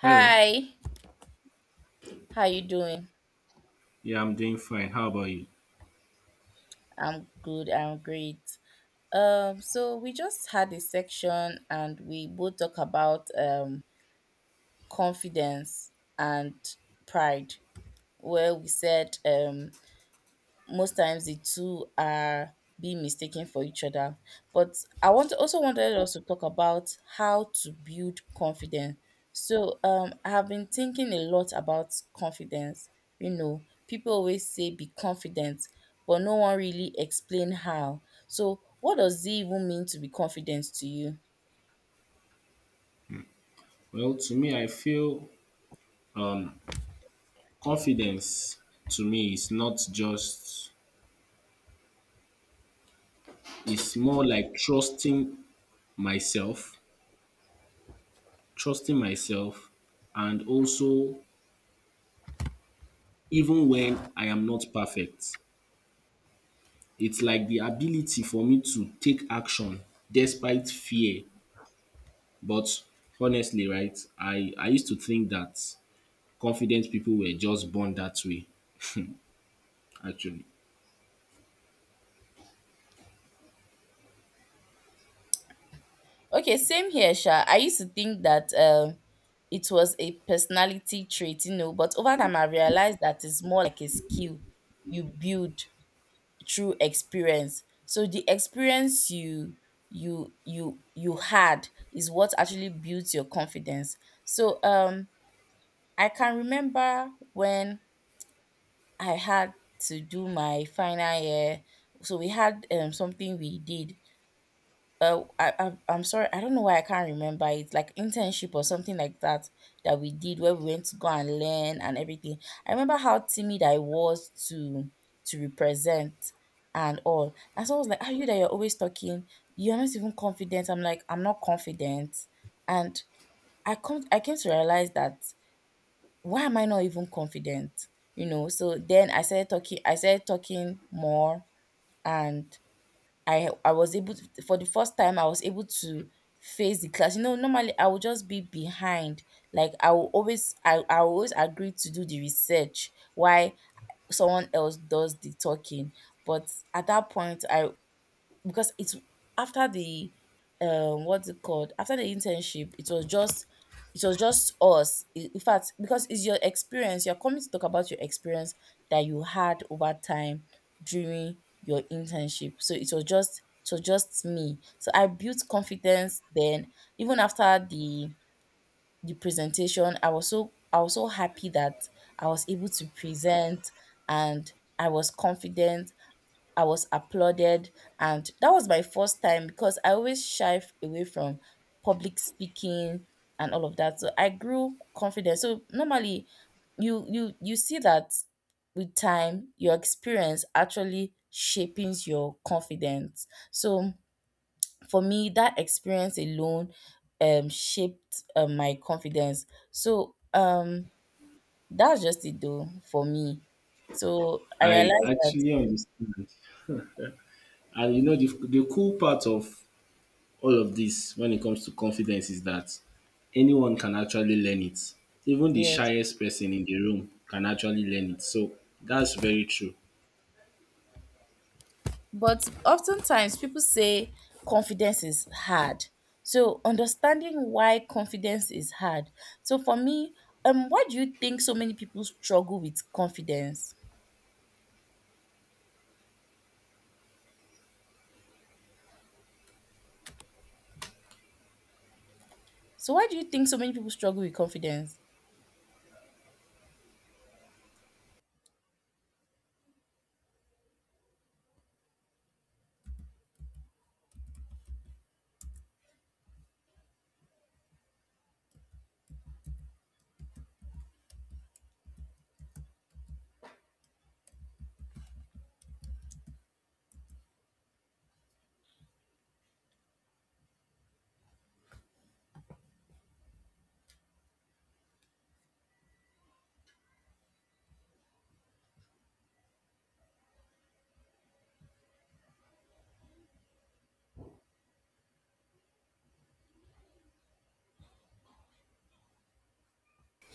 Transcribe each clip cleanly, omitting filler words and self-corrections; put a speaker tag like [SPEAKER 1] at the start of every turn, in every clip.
[SPEAKER 1] Hello.
[SPEAKER 2] how you doing?
[SPEAKER 1] Yeah, I'm doing fine. How about you?
[SPEAKER 2] I'm good, I'm great. So we just had a section and we both talk about confidence and pride, where we said most times the two are being mistaken for each other. But I wanted us to talk about how to build confidence. I have been thinking a lot about confidence. You know, people always say be confident, but no one really explain how. So what does it even mean to be confident to you?
[SPEAKER 1] Well, to me, I feel confidence to me is not just, it's more like trusting myself, trusting myself, and also even when I am not perfect. It's like the ability for me to take action despite fear. But honestly, right, I used to think that confident people were just born that way, actually.
[SPEAKER 2] Okay, same here, Sha. I used to think that it was a personality trait, you know, but over time I realized that it's more like a skill you build through experience. So the experience you had is what actually builds your confidence. So um, I can remember when I had to do my final year. So we had something we did I'm sorry, I don't know why I can't remember. It's like internship or something like that that we did where we went to go and learn and everything. I remember how timid I was to represent and all. And someone was like, "Are you that you're always talking? You're not even confident." I'm like, "I'm not confident," and I came to realize that why am I not even confident? You know. So then I started talking. I started talking more and I was able to for the first time I was able to face the class. You know, normally I would just be behind. Like I will always agree to do the research while someone else does the talking. But at that point I because it's after the what's it called, after the internship, it was just us, in fact, because it's your experience, you're coming to talk about your experience that you had over time during your internship, so it was just me, so I built confidence then. Even after the presentation, I was so happy that I was able to present and I was confident. I was applauded, and that was my first time because I always away from public speaking and all of that. So I grew confident. So normally, you see that with time, your experience actually shapes your confidence. So for me, that experience alone shaped my confidence. So um that's just it though for me. So I
[SPEAKER 1] I
[SPEAKER 2] realized that
[SPEAKER 1] actually understand. And you know the cool part of all of this when it comes to confidence is that anyone can actually learn it. Even the
[SPEAKER 2] yes.
[SPEAKER 1] shyest person in the room can actually learn it. So that's very true.
[SPEAKER 2] But oftentimes people say confidence is hard. So understanding why confidence is hard. So for me, why do you think so many people struggle with confidence? So why do you think so many people struggle with confidence?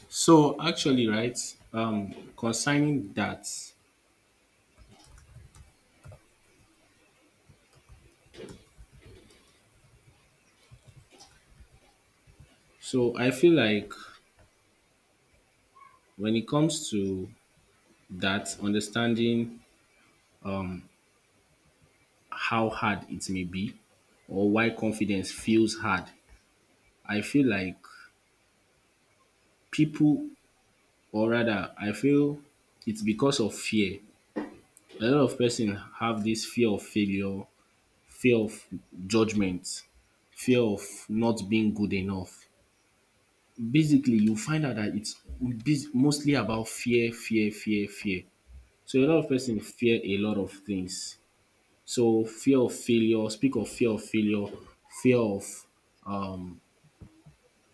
[SPEAKER 1] So actually, right, concerning that, so I feel like when it comes to that, understanding how hard it may be or why confidence feels hard, I feel like people, or rather, I feel it's because of fear. A lot of person have this fear of failure, fear of judgment, fear of not being good enough. Basically, you find out that it's mostly about fear, fear, fear, fear. So a lot of person fear a lot of things. So fear of failure, speak of fear of failure, fear of um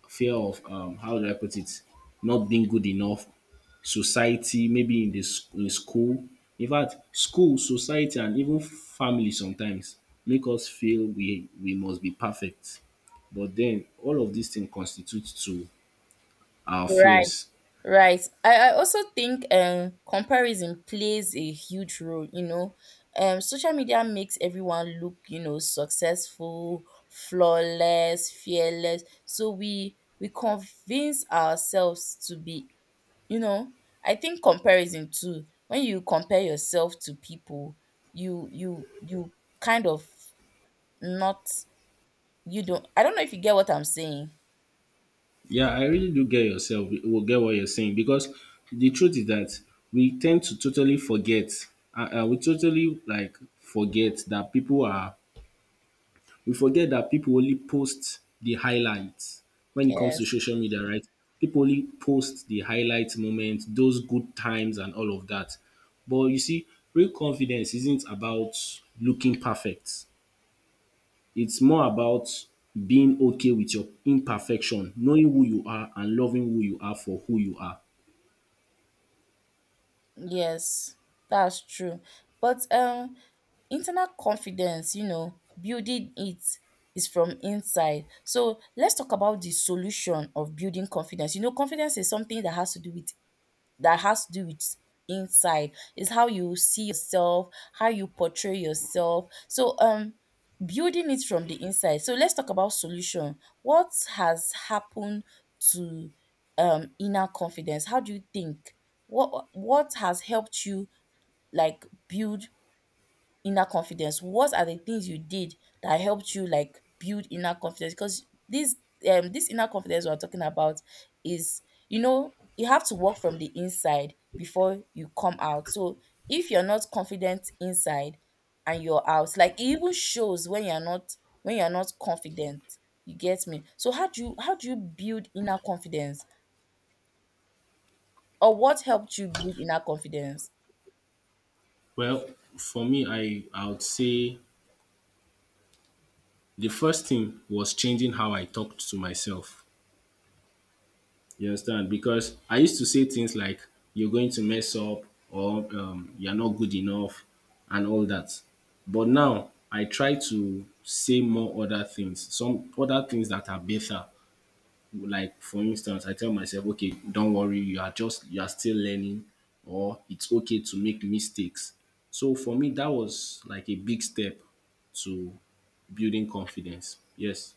[SPEAKER 1] fear of how do I put it, not being good enough, society, maybe in school. In fact, school, society, and even family sometimes make us feel we must be perfect. But then all of these things constitute to our
[SPEAKER 2] Right.
[SPEAKER 1] fears.
[SPEAKER 2] Right. I also think comparison plays a huge role, you know. Um, social media makes everyone look, you know, successful, flawless, fearless. So we convince ourselves to be, you know, I think comparison too. When you compare yourself to people, you kind of not, you don't, I don't know if you get what I'm saying.
[SPEAKER 1] Yeah, I really do get yourself. Will get what you're saying because the truth is that we tend to totally forget. We totally like forget that people are we forget that people only post the highlights when it comes to
[SPEAKER 2] Yes.
[SPEAKER 1] social media, right? People only post the highlight moments, those good times, and all of that. But you see, real confidence isn't about looking perfect, it's more about being okay with your imperfection, knowing who you are, and loving who you are for who you are.
[SPEAKER 2] Yes, that's true. But internal confidence, you know, building it is from inside. So let's talk about the solution of building confidence. You know, confidence is something that has to do with that has to do with inside, is how you see yourself, how you portray yourself, building it from the inside. So let's talk about solution. What has happened to inner confidence? How do you think, what has helped you like build inner confidence? What are the things you did that helped you like build inner confidence? Because this this inner confidence we're talking about is, you know, you have to work from the inside before you come out. So if you're not confident inside and you're out, like it even shows when you're not, when you're not confident. You get me? So how do you build inner confidence? Or what helped you build inner confidence?
[SPEAKER 1] Well, for me, I would say the first thing was changing how I talked to myself. You understand? Because I used to say things like, you're going to mess up or you're not good enough and all that. But now I try to say more other things, some other things that are better. Like, for instance, I tell myself, okay, don't worry, you are still learning or it's okay to make mistakes. So for me, that was like a big step to building confidence. Yes.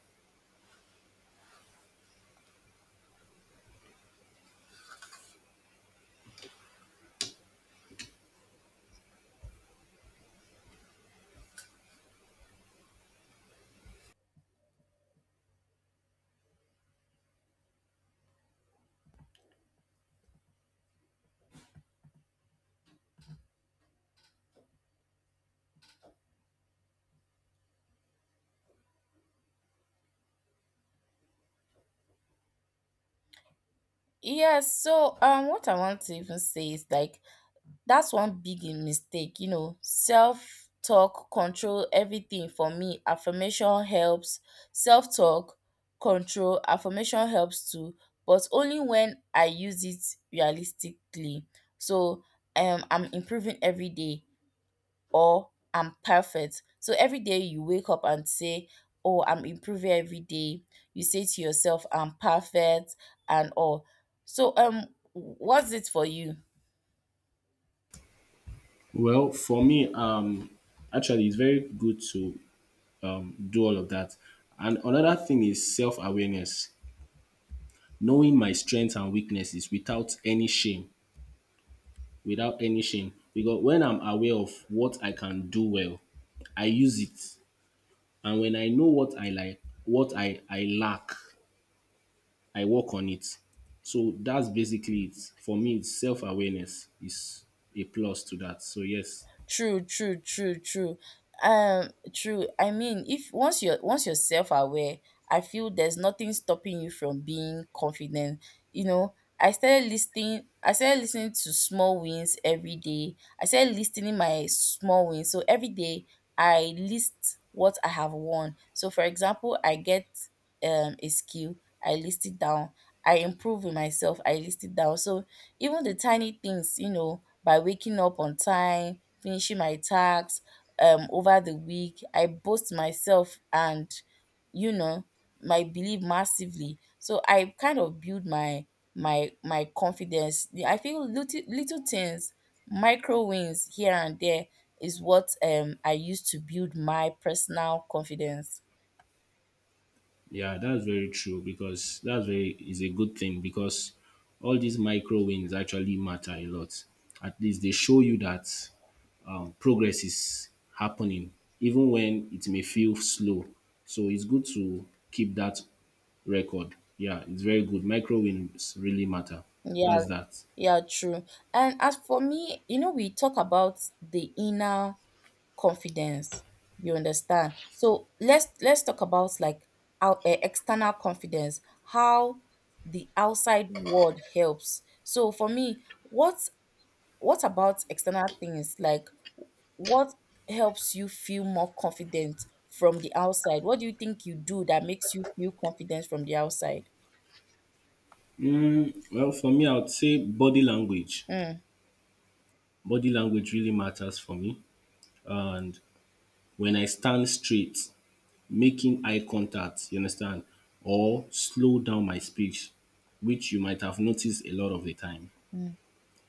[SPEAKER 2] Yes, so what I want to even say is like that's one big mistake. Self-talk control everything, for me affirmation helps. Self-talk control, affirmation helps too, but only when I use it realistically. so I'm improving every day or I'm perfect. So every day you wake up and say, oh, I'm improving every day. You say to yourself, I'm perfect, and all. so um what's it for you?
[SPEAKER 1] Well, for me, actually, it's very good to do all of that. And another thing is self awareness, knowing my strengths and weaknesses without any shame. Without any shame, because when I'm aware of what I can do well, I use it. And when I know what I like, what I lack, I work on it. So that's basically it. For me, self awareness is a plus to that. So, yes.
[SPEAKER 2] True, true, true, true. True. I mean, if once you're, once you're self-aware, I feel there's nothing stopping you from being confident. You know, I started listening. I started listening to small wins every day. I started listening my small wins. So every day I list what I have won. So for example, I get a skill. I list it down. I improve in myself. I list it down. So even the tiny things, you know, by waking up on time, finishing my tasks over the week. I boost myself and, you know, my belief massively. So I kind of build my my confidence. I feel little little things, micro wins here and there is what I use to build my personal confidence.
[SPEAKER 1] Yeah, that's very true because that's very is a good thing because all these micro wins actually matter a lot. At least they show you that progress is happening, even when it may feel slow. So it's good to keep that record. Yeah, it's very good. Micro wins really matter.
[SPEAKER 2] Yeah,
[SPEAKER 1] That's that.
[SPEAKER 2] yeah, true. And as for me, you know, we talk about the inner confidence. You understand? So let's talk about like our external confidence, how the outside world helps. So for me, what about external things like what helps you feel more confident from the outside? What do you think you do that makes you feel confident from the outside?
[SPEAKER 1] Well, for me, I would say body language.
[SPEAKER 2] Mm,
[SPEAKER 1] Body language really matters for me. And when I stand straight, making eye contact, you understand, or slow down my speech, which you might have noticed a lot of the time.
[SPEAKER 2] mm.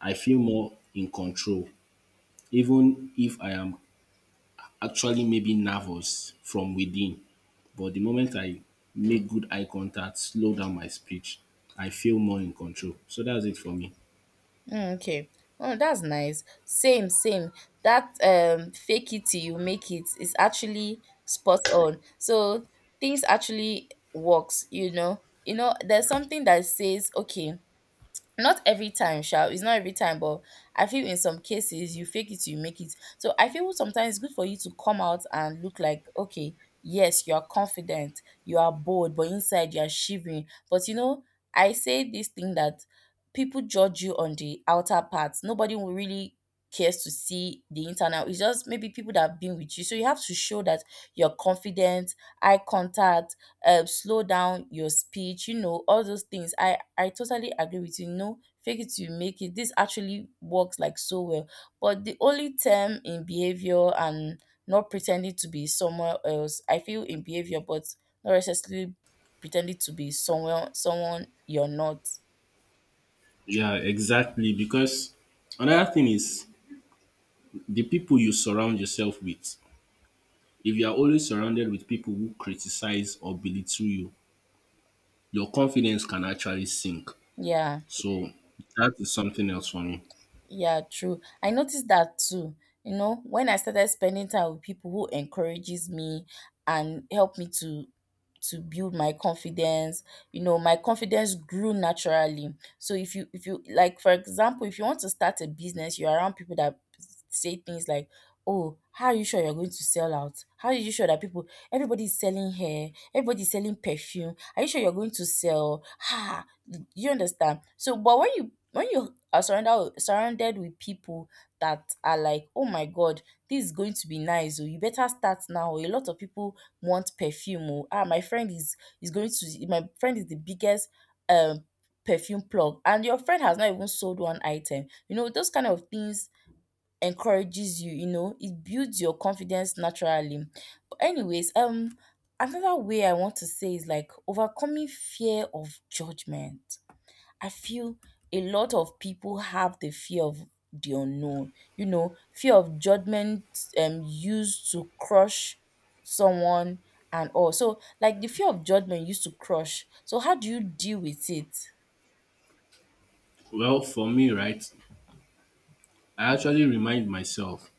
[SPEAKER 1] I feel more in control, even if I am actually maybe nervous from within. But the moment I make good eye contact, slow down my speech, I feel more in control. So that's it for me.
[SPEAKER 2] Mm, okay. Oh, that's nice. Same, same. That fake it till you make it is actually spot on. So things actually works, you know. You know, there's something that says, okay, not every time, sha. It's not every time, but I feel in some cases you fake it, you make it. So I feel sometimes it's good for you to come out and look like, okay, yes, you are confident, you are bold, but inside you are shivering. But you know, I say this thing that people judge you on the outer parts. Nobody will really cares to see the internal. It's just maybe people that have been with you. So you have to show that you're confident, eye contact, slow down your speech, you know, all those things. I totally agree with you. No, fake it till you make it. This actually works like so well. But the only term in behavior and not pretending to be somewhere else, I feel in behavior, but not necessarily pretending to be somewhere someone you're not.
[SPEAKER 1] Yeah, exactly. Because another thing is the people you surround yourself with. If you are always surrounded with people who criticize or belittle you, your confidence can actually sink.
[SPEAKER 2] Yeah.
[SPEAKER 1] So that is something else for me.
[SPEAKER 2] Yeah, true. I noticed that too. You know, when I started spending time with people who encourages me and help me to build my confidence, you know, my confidence grew naturally. So if you like for example, if you want to start a business, you're around people that say things like, "Oh, how are you sure you're going to sell out? How are you sure that people, everybody's selling hair, everybody's selling perfume. Are you sure you're going to sell?" Ha, you understand? So, but when you are surrounded with people that are like, oh my god, this is going to be nice, oh you better start now, oh a lot of people want perfume, oh ah, my friend is going to my friend is the biggest um perfume plug, and your friend has not even sold one item. You know, those kind of things encourages you, you know, it builds your confidence naturally. But anyways, another way I want to say is like overcoming fear of judgment. I feel a lot of people have the fear of the unknown, you know, fear of judgment used to crush someone and all. So like the fear of judgment used to crush. So how do you deal with it?
[SPEAKER 1] Well, for me, right, I actually remind myself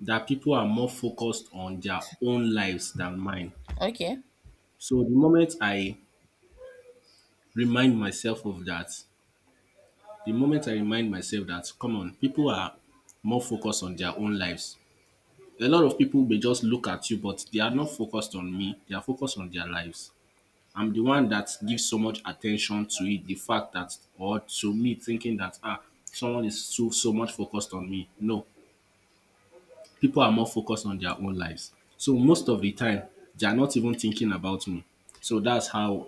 [SPEAKER 1] that people are more focused on their own lives than mine.
[SPEAKER 2] Okay.
[SPEAKER 1] So the moment I remind myself of that, the moment I remind myself that, come on, people are more focused on their own lives. A lot of people may just look at you, but they are not focused on me, they are focused on their lives. I'm the one that gives so much attention to it. The fact that, or to me thinking that, ah, someone is so so much focused on me. No, people are more focused on their own lives. So most of the time, they are not even thinking about me. So that's how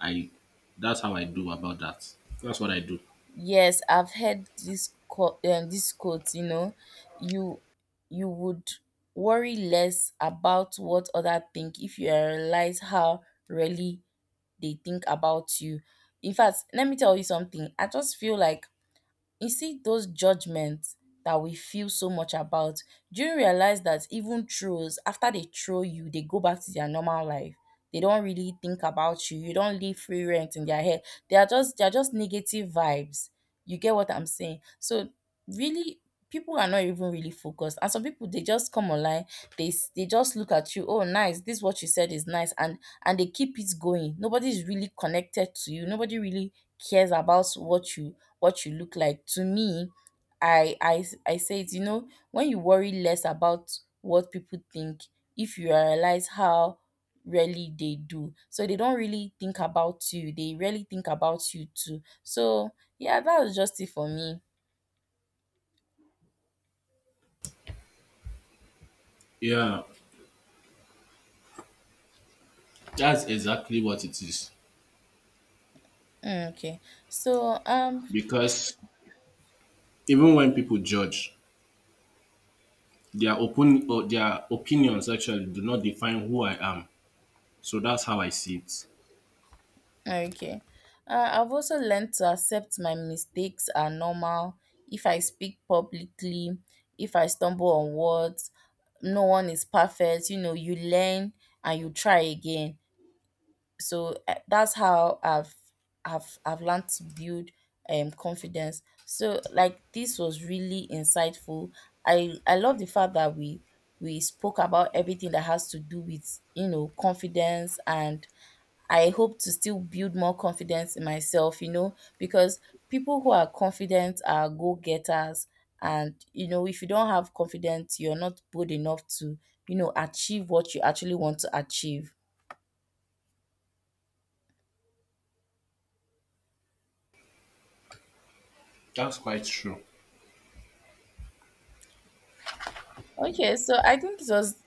[SPEAKER 1] I, that's how I do about that. That's what I do.
[SPEAKER 2] Yes, I've heard this quote, you know, you you would worry less about what other think if you realize how really they think about you. In fact, let me tell you something. I just feel like you see, those judgments that we feel so much about, do you realize that even trolls, after they troll you, they go back to their normal life? They don't really think about you. You don't leave free rent in their head. They are just negative vibes. You get what I'm saying? So really people are not even really focused. And some people they just come online, they just look at you, oh nice, this what you said is nice, and they keep it going. Nobody's really connected to you. Nobody really cares about what you look like. To me, I I say it, you know, when you worry less about what people think, if you realize how rarely they do. So they don't really think about you. They really think about you too. So yeah, that was just it for me.
[SPEAKER 1] Yeah, that's exactly what it is.
[SPEAKER 2] Mm, okay. So um
[SPEAKER 1] Because even when people judge, their open or their opinions actually do not define who I am. So that's how I see it.
[SPEAKER 2] Okay. I've also learned to accept my mistakes are normal. If I speak publicly, if I stumble on words, no one is perfect. You know, you learn and you try again. So that's how I've learned to build confidence. So like this was really insightful. I love the fact that we spoke about everything that has to do with, you know, confidence, and I hope to still build more confidence in myself, you know, because people who are confident are go getters. And, you know, if you don't have confidence, you're not bold enough to, you know, achieve what you actually want to achieve.
[SPEAKER 1] That's quite true.
[SPEAKER 2] Okay, so I think it was